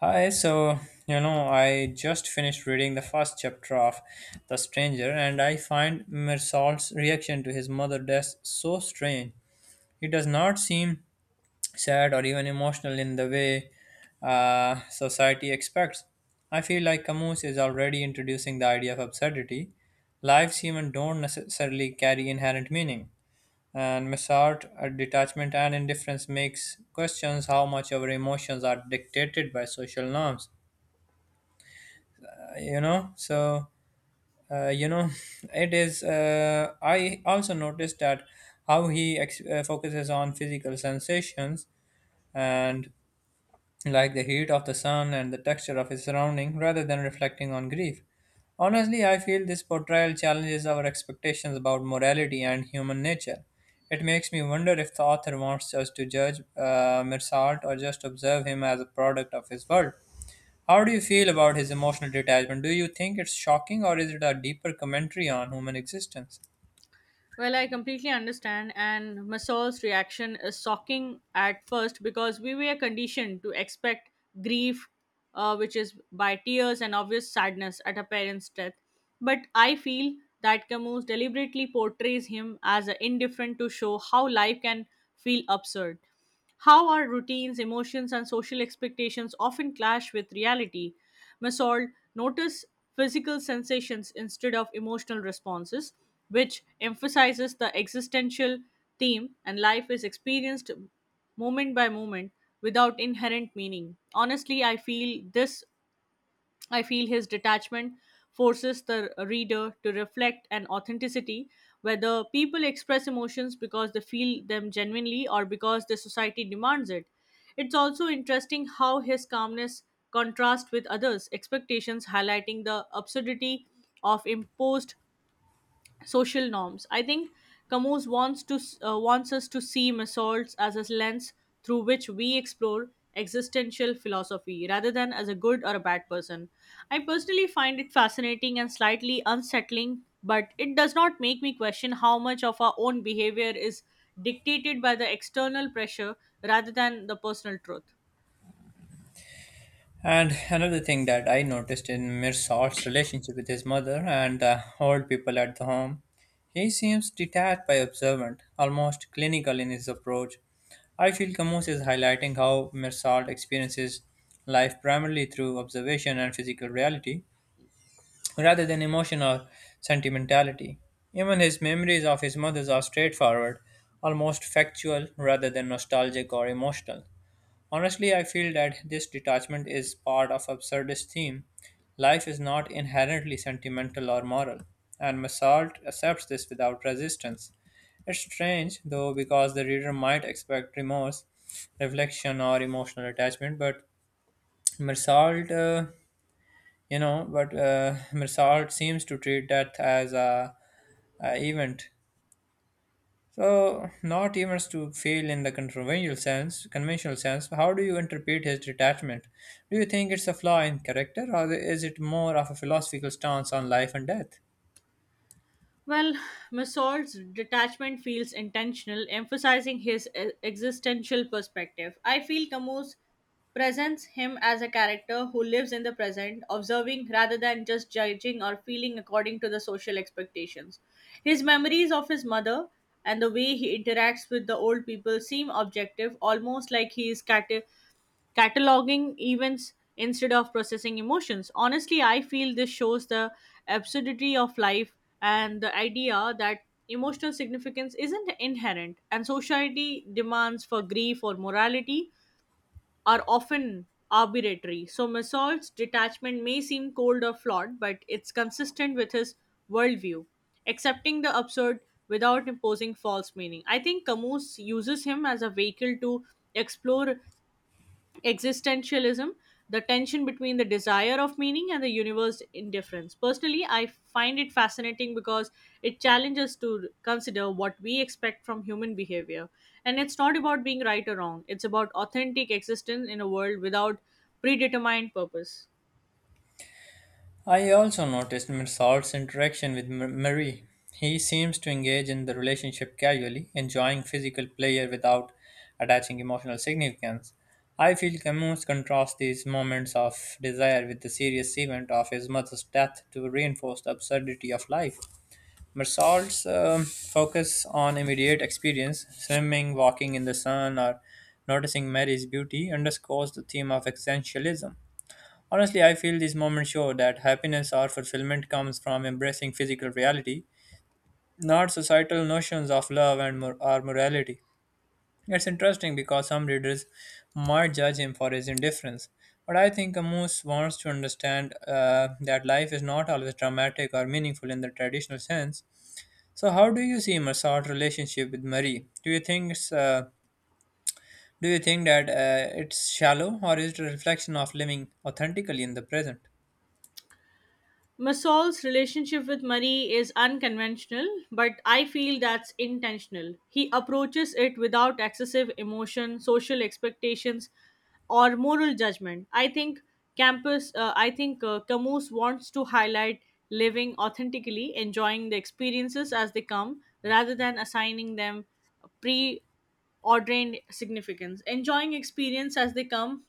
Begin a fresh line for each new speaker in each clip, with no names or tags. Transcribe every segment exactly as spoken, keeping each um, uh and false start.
Hi, so you know, I just finished reading the first chapter of The Stranger, and I find Mirsal's reaction to his mother's death so strange. He does not seem sad or even emotional in the way uh, society expects. I feel like Camus is already introducing the idea of absurdity. Lives even don't necessarily carry inherent meaning. And Missart, uh, detachment and indifference makes questions how much our emotions are dictated by social norms. you know so uh, you know it is uh, I also noticed that how he ex- uh, focuses on physical sensations and like the heat of the sun and the texture of his surrounding rather than reflecting on grief. Honestly, I feel this portrayal challenges our expectations about morality and human nature. It makes me wonder if the author wants us to judge uh, Mirsad or just observe him as a product of his world. How do you feel about his emotional detachment? Do you think it's shocking or is it a deeper commentary on human existence?
Well, I completely understand, and Masol's reaction is shocking at first because we were conditioned to expect grief, uh, which is by tears and obvious sadness at a parent's death. But I feel that Camus deliberately portrays him as indifferent to show how life can feel absurd. How our routines, emotions, and social expectations often clash with reality. Masold notice physical sensations instead of emotional responses, which emphasizes the existential theme and life is experienced moment by moment without inherent meaning. Honestly, I feel this I feel his detachment forces the reader to reflect an authenticity, whether people express emotions because they feel them genuinely or because the society demands it. It's also interesting how his calmness contrasts with others' expectations, highlighting the absurdity of imposed social norms. I think Camus wants to uh, wants us to see assaults as a lens through which we explore existential philosophy rather than as a good or a bad person. I personally find it fascinating and slightly unsettling, but it does not make me question how much of our own behavior is dictated by the external pressure rather than the personal truth.
And another thing that I noticed in Mirsal's relationship with his mother and the old people at the home, he seems detached by observant, almost clinical in his approach. I feel Camus is highlighting how Mirsal experiences life primarily through observation and physical reality, rather than emotion or sentimentality. Even his memories of his mother are straightforward, almost factual rather than nostalgic or emotional. Honestly, I feel that this detachment is part of absurdist theme. Life is not inherently sentimental or moral, and Massart accepts this without resistance. It's strange, though, because the reader might expect remorse, reflection, or emotional attachment, but Massart uh, you know but uh, Mirsalt seems to treat death as a, a event so not events to feel in the conventional sense conventional sense. How do you interpret his detachment? Do you think it's a flaw in character or is it more of a philosophical stance on life and death?
Well, Massault's detachment feels intentional, emphasizing his e- existential perspective. I feel Camus presents him as a character who lives in the present, observing rather than just judging or feeling according to the social expectations. His memories of his mother and the way he interacts with the old people seem objective, almost like he is cate- cataloging events instead of processing emotions. Honestly, I feel this shows the absurdity of life and the idea that emotional significance isn't inherent, and society demands for grief or morality are often arbitrary. So, Masol's detachment may seem cold or flawed, but it's consistent with his worldview, accepting the absurd without imposing false meaning. I think Camus uses him as a vehicle to explore existentialism, the tension between the desire of meaning and the universe indifference. Personally, I find it fascinating because it challenges to consider what we expect from human behavior. And it's not about being right or wrong, it's about authentic existence in a world without predetermined purpose.
I also noticed Mirsal's interaction with M- Marie. He seems to engage in the relationship casually, enjoying physical pleasure without attaching emotional significance. I feel Camus contrasts these moments of desire with the serious event of his mother's death to reinforce the absurdity of life. Mirsal's um, focus on immediate experience, swimming, walking in the sun, or noticing Mary's beauty, underscores the theme of existentialism. Honestly, I feel these moments show that happiness or fulfillment comes from embracing physical reality, not societal notions of love and mor- or morality. It's interesting because some readers might judge him for his indifference, but I think Camus wants to understand uh, that life is not always dramatic or meaningful in the traditional sense. So, how do you see Massard's relationship with Marie? Do you think it's, uh, do you think that uh, it's shallow, or is it a reflection of living authentically in the present?
Masol's relationship with money is unconventional, but I feel that's intentional. He approaches it without excessive emotion, social expectations, or moral judgment. I think Campus, uh, I think uh, Camus wants to highlight living authentically, enjoying the experiences as they come, rather than assigning them pre-ordained significance. Enjoying experience as they come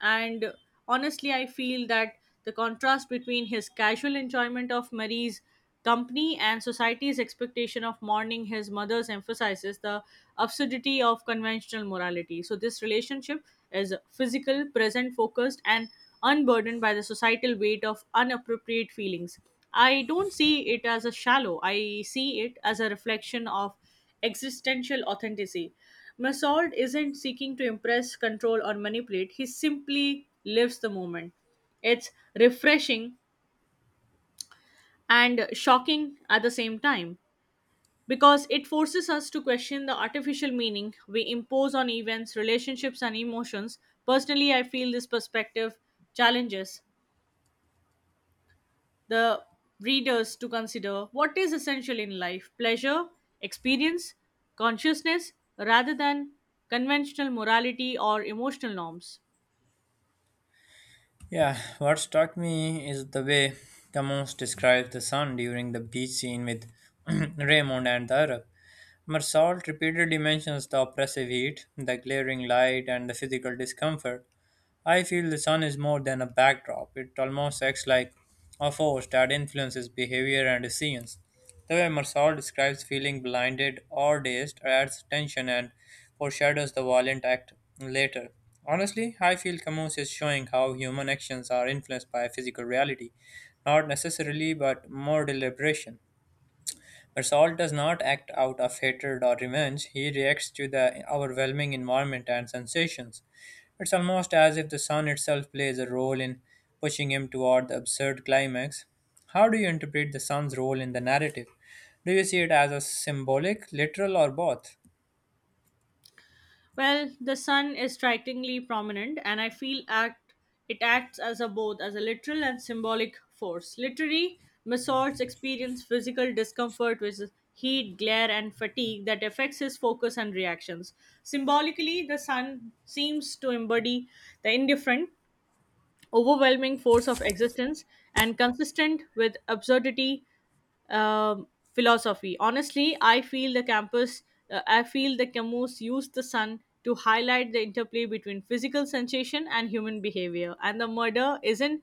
and honestly, I feel that the contrast between his casual enjoyment of Marie's company and society's expectation of mourning his mother's emphasizes the absurdity of conventional morality. So, this relationship is physical, present focused, and unburdened by the societal weight of inappropriate feelings. I don't see it as a shallow, I see it as a reflection of existential authenticity. Massault isn't seeking to impress, control, or manipulate, he simply lives the moment. It's refreshing and shocking at the same time because it forces us to question the artificial meaning we impose on events, relationships, and emotions. Personally, I feel this perspective challenges the readers to consider what is essential in life pleasure, experience, consciousness, rather than conventional morality or emotional norms.
Yeah, what struck me is the way Camus describes the sun during the beach scene with Raymond and the Arab. Marsault repeatedly mentions the oppressive heat, the glaring light, and the physical discomfort. I feel the sun is more than a backdrop, it almost acts like a force that influences behavior and decisions. The way Marsal describes feeling blinded or dazed adds tension and foreshadows the violent act later. Honestly, I feel Camus is showing how human actions are influenced by physical reality, not necessarily, but more deliberation. But Saul does not act out of hatred or revenge, he reacts to the overwhelming environment and sensations. It's almost as if the sun itself plays a role in pushing him toward the absurd climax. How do you interpret the sun's role in the narrative? Do you see it as a symbolic, literal, or both?
Well, the sun is strikingly prominent, and I feel act it acts as a both as a literal and symbolic force. Literally, Masort's experience physical discomfort with heat, glare, and fatigue that affects his focus and reactions. Symbolically, the sun seems to embody the indifferent overwhelming force of existence and consistent with absurdity um, philosophy. Honestly, I feel the campus, uh, I feel the Camus used the sun to highlight the interplay between physical sensation and human behavior. And the murder isn't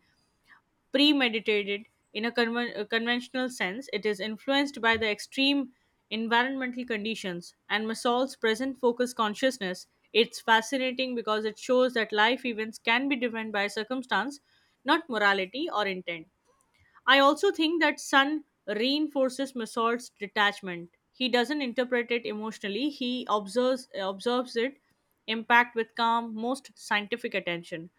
premeditated in a conven- a conventional sense. It is influenced by the extreme environmental conditions and Masol's present focus consciousness. It's fascinating because it shows that life events can be driven by circumstance, not morality or intent. I also think that Sun reinforces Masol's detachment. He doesn't interpret it emotionally, he observes, observes it impact with calm, most scientific attention.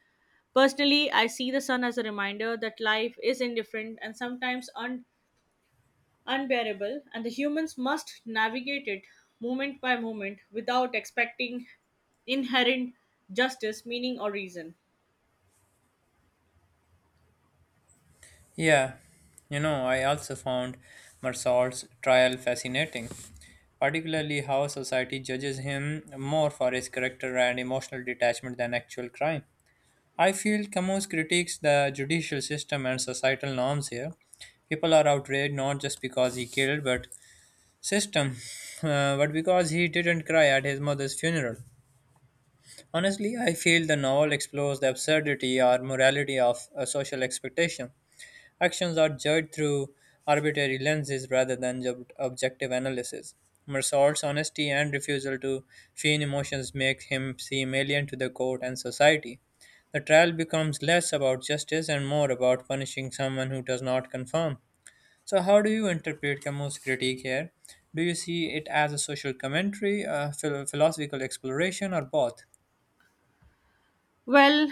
Personally, I see the sun as a reminder that life is indifferent and sometimes un- unbearable, and the humans must navigate it moment by moment without expecting inherent justice, meaning, or reason.
Yeah, you know, I also found Marsault's trial fascinating, particularly how society judges him more for his character and emotional detachment than actual crime. I feel Camus critiques the judicial system and societal norms here. People are outraged not just because he killed, but system, uh, but because he didn't cry at his mother's funeral. Honestly, I feel the novel explores the absurdity or morality of a social expectation. Actions are judged through arbitrary lenses rather than ob- objective analysis. Mersault's honesty and refusal to feign emotions make him seem alien to the court and society. The trial becomes less about justice and more about punishing someone who does not conform. So, how do you interpret Camus' critique here? Do you see it as a social commentary, a phil- philosophical exploration, or both?
Well,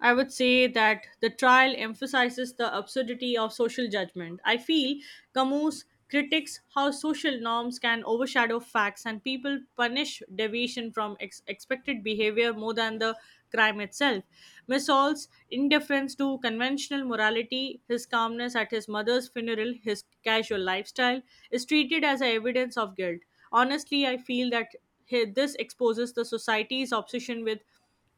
I would say that the trial emphasizes the absurdity of social judgment. I feel Camus critiques how social norms can overshadow facts and people punish deviation from ex- expected behavior more than the crime itself. Missol's indifference to conventional morality, his calmness at his mother's funeral, his casual lifestyle is treated as a evidence of guilt. Honestly, I feel that he- this exposes the society's obsession with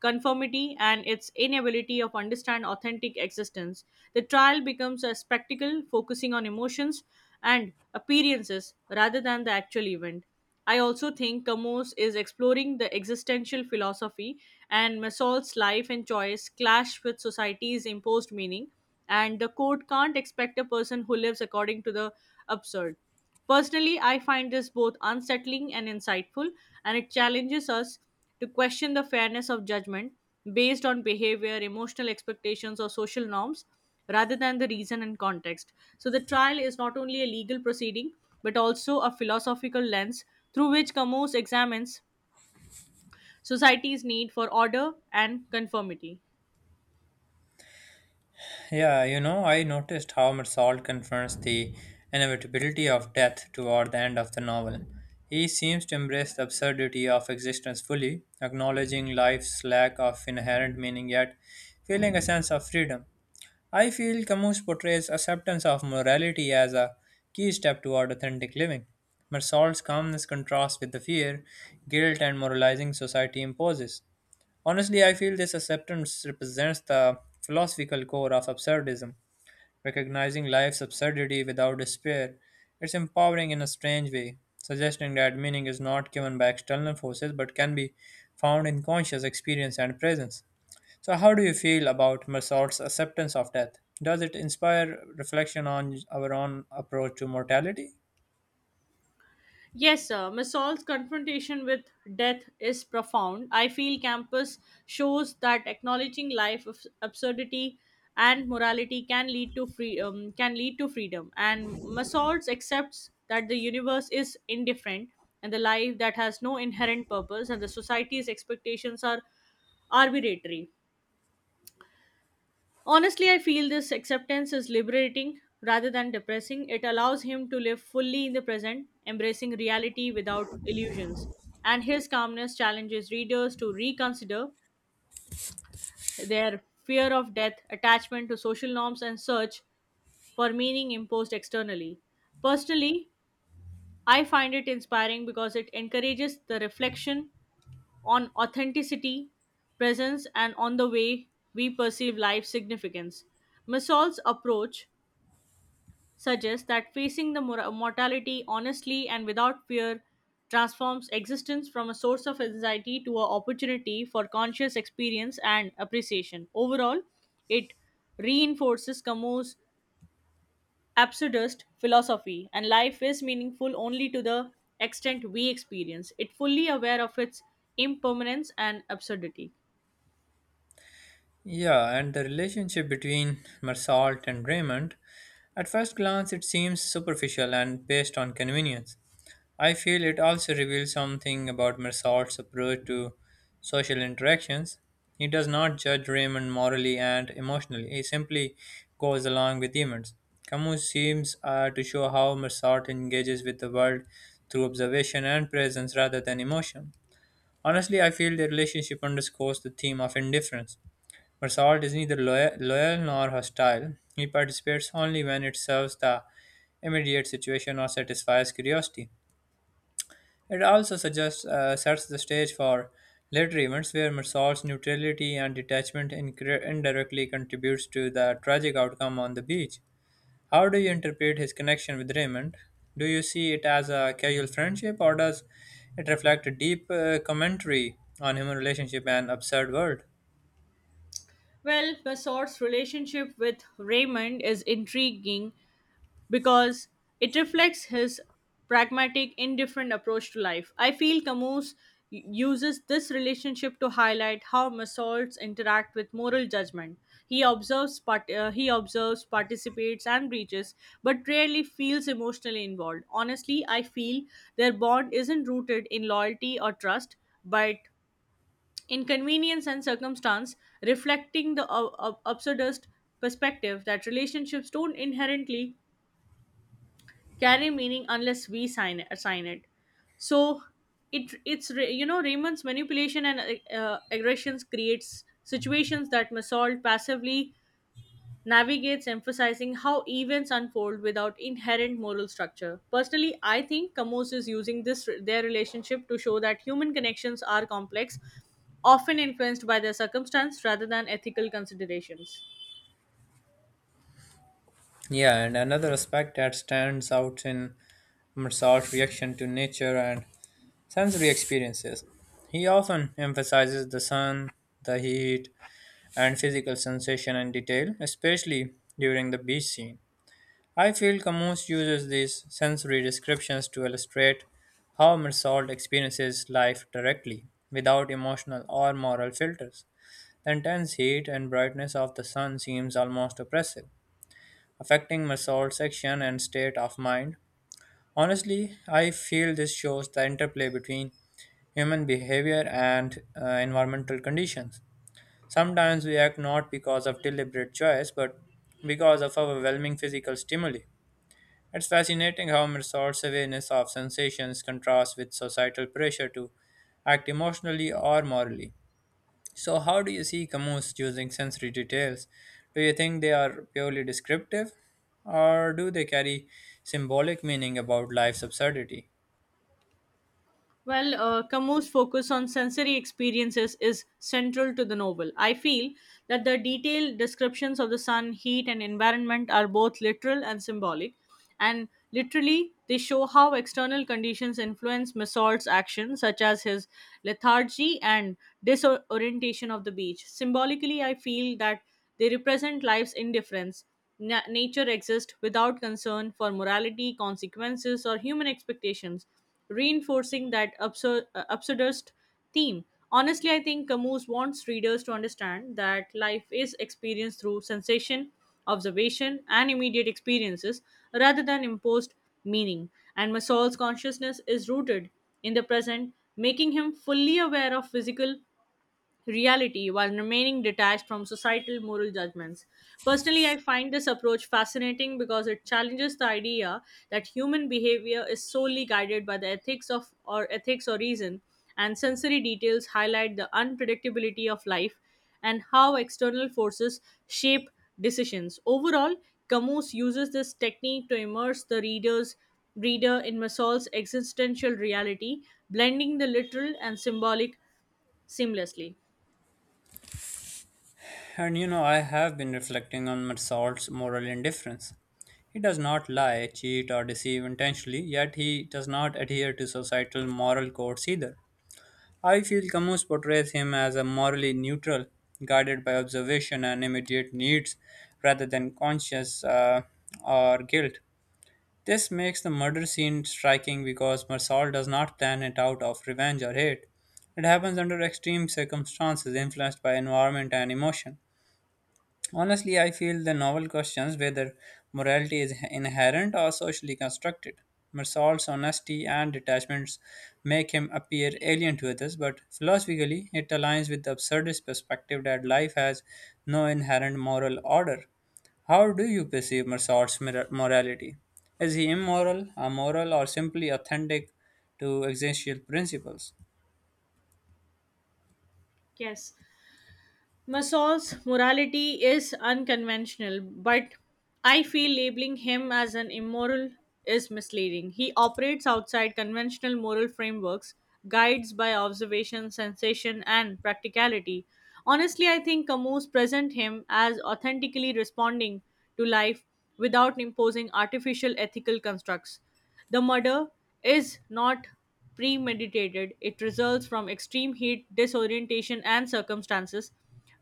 conformity and its inability of understand authentic existence. The trial becomes a spectacle focusing on emotions and appearances rather than the actual event. I also think Camus is exploring the existential philosophy, and Masol's life and choice clash with society's imposed meaning, and the court can't expect a person who lives according to the absurd. Personally, I find this both unsettling and insightful, and it challenges us to question the fairness of judgment based on behavior, emotional expectations, or social norms rather than the reason and context. So, the trial is not only a legal proceeding but also a philosophical lens through which Camus examines society's need for order and conformity.
Yeah, you know, I noticed how much Salt confronts the inevitability of death toward the end of the novel. He seems to embrace the absurdity of existence fully, acknowledging life's lack of inherent meaning yet feeling a sense of freedom. I feel Camus portrays acceptance of morality as a key step toward authentic living. But Salt's calmness contrasts with the fear, guilt, and moralizing society imposes. Honestly, I feel this acceptance represents the philosophical core of absurdism recognizing life's absurdity without despair. It's empowering in a strange way, suggesting that meaning is not given by external forces but can be found in conscious experience and presence. So, how do you feel about Mersault's acceptance of death? Does it inspire reflection on our own approach to mortality?
Yes, sir. Missol's confrontation with death is profound. I feel Campus shows that acknowledging life of absurdity and morality can lead to free um, can lead to freedom. And Missol's accepts that the universe is indifferent and the life that has no inherent purpose and the society's expectations are arbitrary. Honestly, I feel this acceptance is liberating rather than depressing. It allows him to live fully in the present, embracing reality without illusions. And his calmness challenges readers to reconsider their fear of death, attachment to social norms, and search for meaning imposed externally. Personally, I find it inspiring because it encourages the reflection on authenticity, presence, and on the way we perceive life's significance. Masol's approach suggests that facing the mor- mortality honestly and without fear transforms existence from a source of anxiety to an opportunity for conscious experience and appreciation. Overall, it reinforces Camus' absurdist philosophy, and life is meaningful only to the extent we experience it, fully aware of its impermanence and absurdity.
Yeah, and the relationship between Mersault and Raymond, at first glance, it seems superficial and based on convenience. I feel it also reveals something about Mersault's approach to social interactions. He does not judge Raymond morally and emotionally, he simply goes along with events. Camus seems uh, to show how Mersault engages with the world through observation and presence rather than emotion. Honestly, I feel their relationship underscores the theme of indifference. Mersault is neither loyal, loyal nor hostile. He participates only when it serves the immediate situation or satisfies curiosity. It also suggests uh, sets the stage for later events where Marsal's neutrality and detachment incre- indirectly contributes to the tragic outcome on the beach. How do you interpret his connection with Raymond? Do you see it as a casual friendship, or does it reflect a deep uh, commentary on human relationship and absurd world?
Well, Massort's relationship with Raymond is intriguing because it reflects his pragmatic, indifferent approach to life. I feel Camus u- uses this relationship to highlight how masochs interact with moral judgment. He observes, part- uh, he observes, participates, and breaches, but rarely feels emotionally involved. Honestly, I feel their bond isn't rooted in loyalty or trust, but in convenience and circumstance, reflecting the uh, uh, absurdist perspective that relationships don't inherently carry meaning unless we sign it, assign it. So it it's re- you know Raymond's manipulation and uh, aggressions creates situations that Massault passively navigates, emphasizing how events unfold without inherent moral structure. Personally, I think Camus is using this their relationship to show that human connections are complex, often influenced by their circumstance rather than ethical considerations.
Yeah, and another aspect that stands out in Marsal's reaction to nature and sensory experiences. He often emphasizes the sun, the heat, and physical sensation and detail, especially during the beach scene. I feel Camus uses these sensory descriptions to illustrate how Mersault experiences life directly, without emotional or moral filters. The intense heat and brightness of the sun seems almost oppressive, affecting Mersault's action and state of mind. Honestly, I feel this shows the interplay between human behavior and uh, environmental conditions. Sometimes we act not because of deliberate choice, but because of overwhelming physical stimuli. It's fascinating how Mirsor's awareness of sensations contrasts with societal pressure to act emotionally or morally. So, how do you see Camus using sensory details? Do you think they are purely descriptive, or do they carry symbolic meaning about life's absurdity?
Well, uh, Camus' focus on sensory experiences is central to the novel. I feel that the detailed descriptions of the sun, heat, and environment are both literal and symbolic and literally they show how external conditions influence Mesort's actions, such as his lethargy and disorientation of the beach. Symbolically, I feel that they represent life's indifference. Na- nature exists without concern for morality, consequences, or human expectations, reinforcing that absur- uh, absurdist theme. Honestly, I think Camus wants readers to understand that life is experienced through sensation, observation, and immediate experiences rather than imposed meaning. And Masol's consciousness is rooted in the present, making him fully aware of physical reality while remaining detached from societal moral judgments. Personally, I find this approach fascinating because it challenges the idea that human behavior is solely guided by the ethics of or ethics or reason, and sensory details highlight the unpredictability of life and how external forces shape decisions. Overall, Camus uses this technique to immerse the reader's reader in Masol's existential reality, blending the literal and symbolic seamlessly.
And you know, I have been reflecting on Marsault's moral indifference. He does not lie, cheat, or deceive intentionally, yet he does not adhere to societal moral codes either. I feel Camus portrays him as a morally neutral, guided by observation and immediate needs rather than conscience uh, or guilt. This makes the murder scene striking because Marsault does not plan it out of revenge or hate. It happens under extreme circumstances influenced by environment and emotion. Honestly, I feel the novel questions whether morality is inherent or socially constructed. Marsal's honesty and detachments make him appear alien to others, but philosophically, it aligns with the absurdist perspective that life has no inherent moral order. How do you perceive Marsal's mora- morality? Is he immoral, amoral, or simply authentic to existential principles?
Yes, Masol's morality is unconventional, but I feel labeling him as an immoral is misleading. He operates outside conventional moral frameworks, guides by observation, sensation, and practicality. Honestly, I think Camus presents him as authentically responding to life without imposing artificial ethical constructs. The murder is not premeditated. It results from extreme heat, disorientation, and circumstances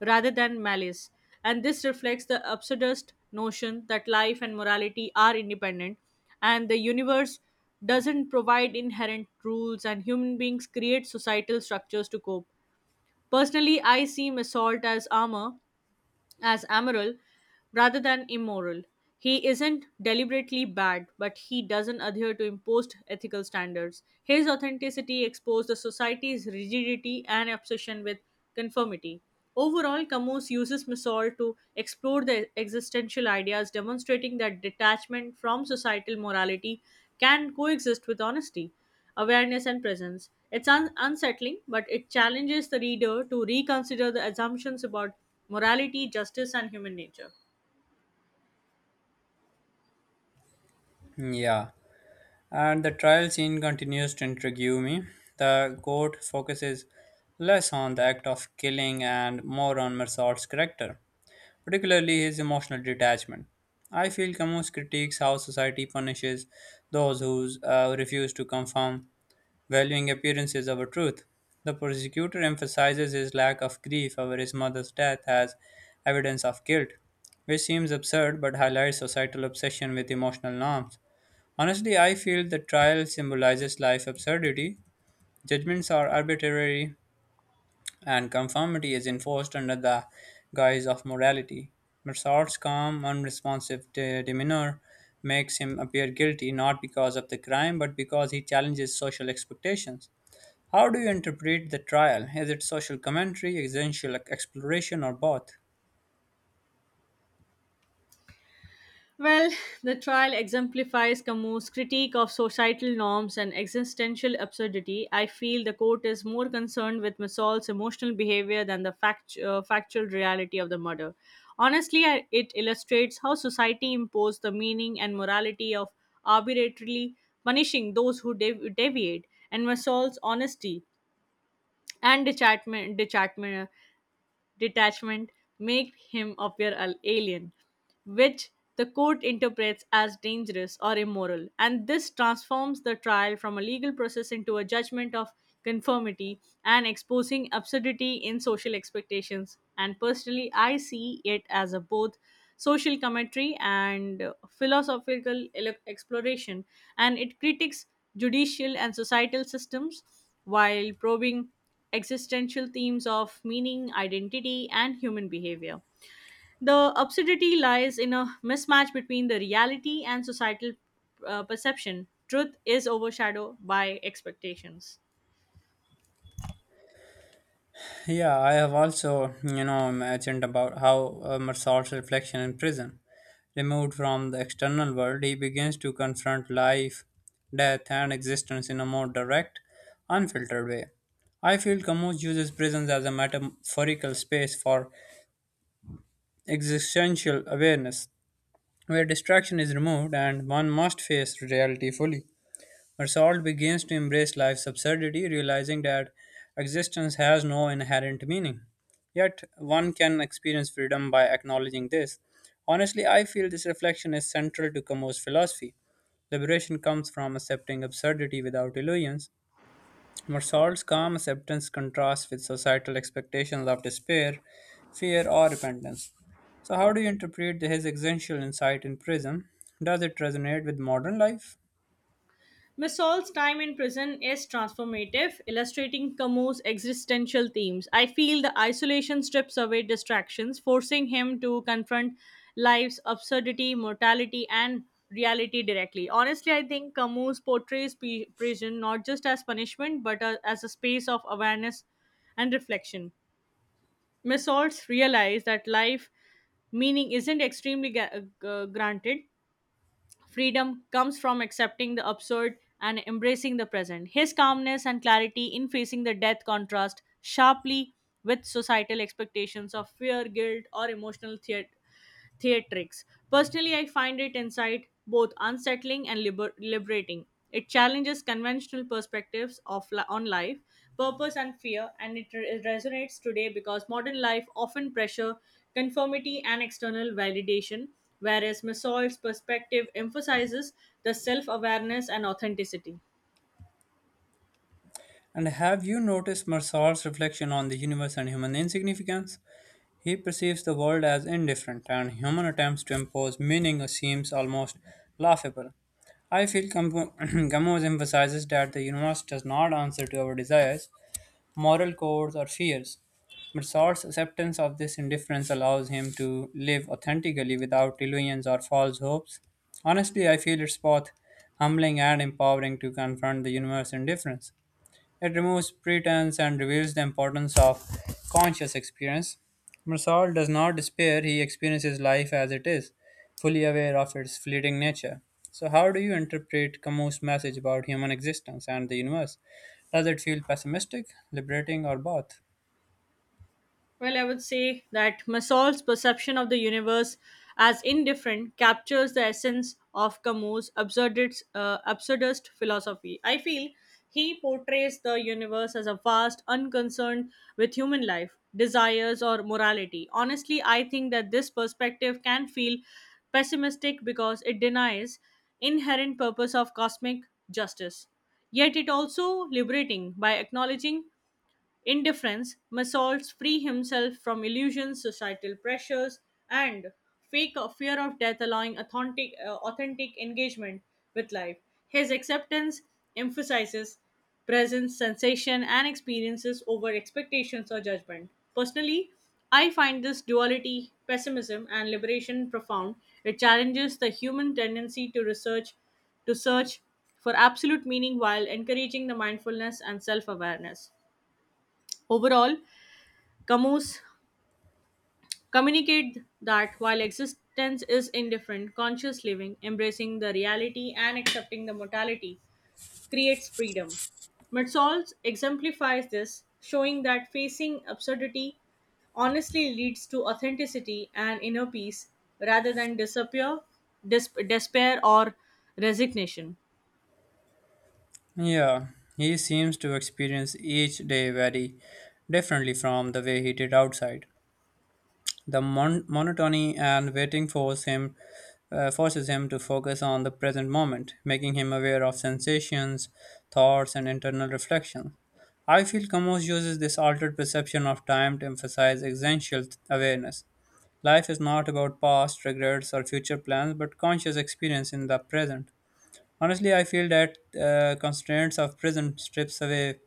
rather than malice. And this reflects the absurdist notion that life and morality are independent and the universe doesn't provide inherent rules and human beings create societal structures to cope. Personally, I see assault as armor as amoral rather than immoral. He isn't deliberately bad, but he doesn't adhere to imposed ethical standards. His authenticity exposed the society's rigidity and obsession with conformity. Overall, Camus uses Misol to explore the existential ideas, demonstrating that detachment from societal morality can coexist with honesty awareness and presence. It's un- unsettling, but it challenges the reader to reconsider the assumptions about morality, justice, and human nature.
Yeah, and the trial scene continues to intrigue me. The court focuses less on the act of killing and more on Mersault's character, particularly his emotional detachment. I feel Camus critiques how society punishes those who uh, refuse to conform, valuing appearances over truth. The prosecutor emphasizes his lack of grief over his mother's death as evidence of guilt, which seems absurd but highlights societal obsession with emotional norms. Honestly, I feel the trial symbolizes life's absurdity. Judgments are arbitrary, and conformity is enforced under the guise of morality. Massard's calm, unresponsive de- demeanor makes him appear guilty not because of the crime but because he challenges social expectations. How do you interpret the trial? Is it social commentary, existential exploration, or both?
Well, the trial exemplifies Camus' critique of societal norms and existential absurdity. I feel the court is more concerned with Missol's emotional behavior than the fact, uh, factual reality of the murder. Honestly, I, it illustrates how society imposed the meaning and morality of arbitrarily punishing those who dev- deviate, and Missol's honesty and detachment, detachment detachment make him appear an alien, which the court interprets as dangerous or immoral. And this transforms the trial from a legal process into a judgment of conformity and exposing absurdity in social expectations. And personally, I see it as a both social commentary and uh, philosophical ele- exploration, and it critiques judicial and societal systems while probing existential themes of meaning, identity, and human behavior. The absurdity lies in a mismatch between the reality and societal uh, perception. Truth is overshadowed by expectations.
Yeah, I have also, you know, imagined about how uh, Marsard's reflection in prison. Removed from the external world, he begins to confront life, death, and existence in a more direct, unfiltered way. I feel Camus uses prisons as a metaphorical space for existential awareness, where distraction is removed and one must face reality fully. Marsault begins to embrace life's absurdity, realizing that existence has no inherent meaning. Yet, one can experience freedom by acknowledging this. Honestly, I feel this reflection is central to Camus' philosophy. Liberation comes from accepting absurdity without illusions. Marsault's calm acceptance contrasts with societal expectations of despair, fear, or repentance. So, how do you interpret his existential insight in Prism? Does it resonate with modern life?
Masol's time in prison is transformative, illustrating Camus' existential themes. I feel the isolation strips away distractions, forcing him to confront life's absurdity, mortality, and reality directly. Honestly, I think Camus portrays p- prison not just as punishment but a- as a space of awareness and reflection. Masol's realized that life meaning isn't extremely ga- uh, granted. Freedom comes from accepting the absurd and embracing the present. His calmness and clarity in facing the death contrast sharply with societal expectations of fear, guilt, or emotional thea- theatrics. Personally, I find it insight both unsettling and liber- liberating. It challenges conventional perspectives of li- on life, purpose, and fear, and it re- resonates today because modern life often pressure conformity and external validation, whereas Massoy's perspective emphasizes the self-awareness and authenticity.
And have you noticed Marsal's reflection on the universe and human insignificance? He perceives the world as indifferent, and human attempts to impose meaning seems almost laughable. I feel Gamo- Gamow emphasizes that the universe does not answer to our desires, moral codes, or fears. Marsal's acceptance of this indifference allows him to live authentically without illusions or false hopes. Honestly, I feel it's both humbling and empowering to confront the universe indifference. It removes pretense and reveals the importance of conscious experience. Marsault does not despair, he experiences life as it is, fully aware of its fleeting nature. So, how do you interpret Camus' message about human existence and the universe? Does it feel pessimistic, liberating, or both?
Well, I would say that Masol's perception of the universe as indifferent captures the essence of Camus' absurdist, uh, absurdist philosophy. I feel he portrays the universe as a vast, unconcerned with human life, desires, or morality. Honestly, I think that this perspective can feel pessimistic because it denies inherent purpose of cosmic justice. Yet it also liberating. By acknowledging indifference, Masolts free himself from illusions, societal pressures, and fake of fear of death, allowing authentic, uh, authentic engagement with life. His acceptance emphasizes presence, sensation, and experiences over expectations or judgment. Personally, I find this duality, pessimism, and liberation profound. It challenges the human tendency to research, to search for absolute meaning while encouraging the mindfulness and self awareness. Overall, Camus communicate that while existence is indifferent, conscious living, embracing the reality and accepting the mortality, creates freedom. Mertzolz exemplifies this, showing that facing absurdity honestly leads to authenticity and inner peace rather than disappear, dis- despair or resignation.
Yeah, he seems to experience each day very differently from the way he did outside. The mon- monotony and waiting force him, uh, forces him to focus on the present moment, making him aware of sensations, thoughts, and internal reflections. I feel Camus uses this altered perception of time to emphasize existential awareness. Life is not about past regrets or future plans, but conscious experience in the present. Honestly, I feel that uh, constraints of prison strips away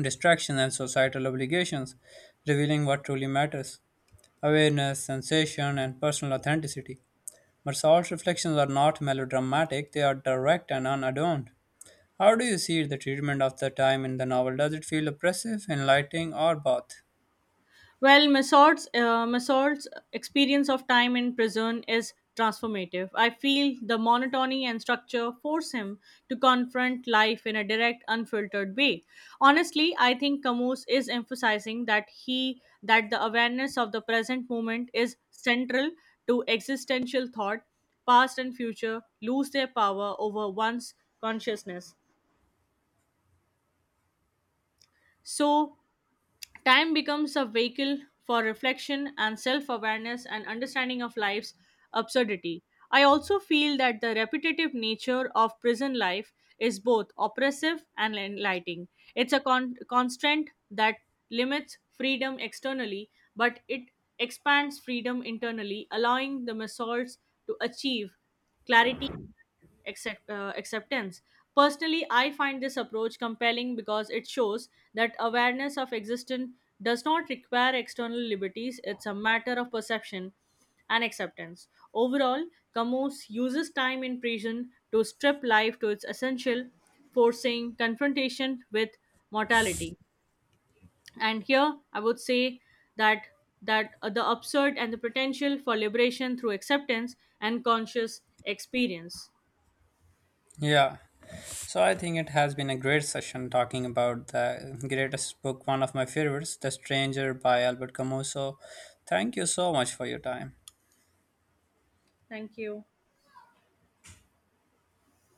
distractions and societal obligations, revealing what truly matters awareness, sensation, and personal authenticity. But Saul's reflections are not melodramatic, they are direct and unadorned. How do you see the treatment of the time in the novel? Does it feel oppressive, enlightening, or both?
Well, Masood's uh, Masood's experience of time in prison is transformative. I feel the monotony and structure force him to confront life in a direct, unfiltered way. Honestly, I think Camus is emphasizing that he that the awareness of the present moment is central to existential thought. Past and future lose their power over one's consciousness. So time becomes a vehicle for reflection and self awareness and understanding of life's absurdity. I also feel that the repetitive nature of prison life is both oppressive and enlightening. It's a con- constraint that limits freedom externally, but it expands freedom internally, allowing the masses to achieve clarity accept, uh, acceptance. Personally, I find this approach compelling because it shows that awareness of existence does not require external liberties, it's a matter of perception and acceptance. Overall, Camus uses time in prison to strip life to its essential, forcing confrontation with mortality. And here, I would say that that uh, the absurd and the potential for liberation through acceptance and conscious experience.
Yeah. So I think it has been a great session talking about the greatest book, one of my favorites, The Stranger by Albert Camus. So thank you so much for your time.
Thank you.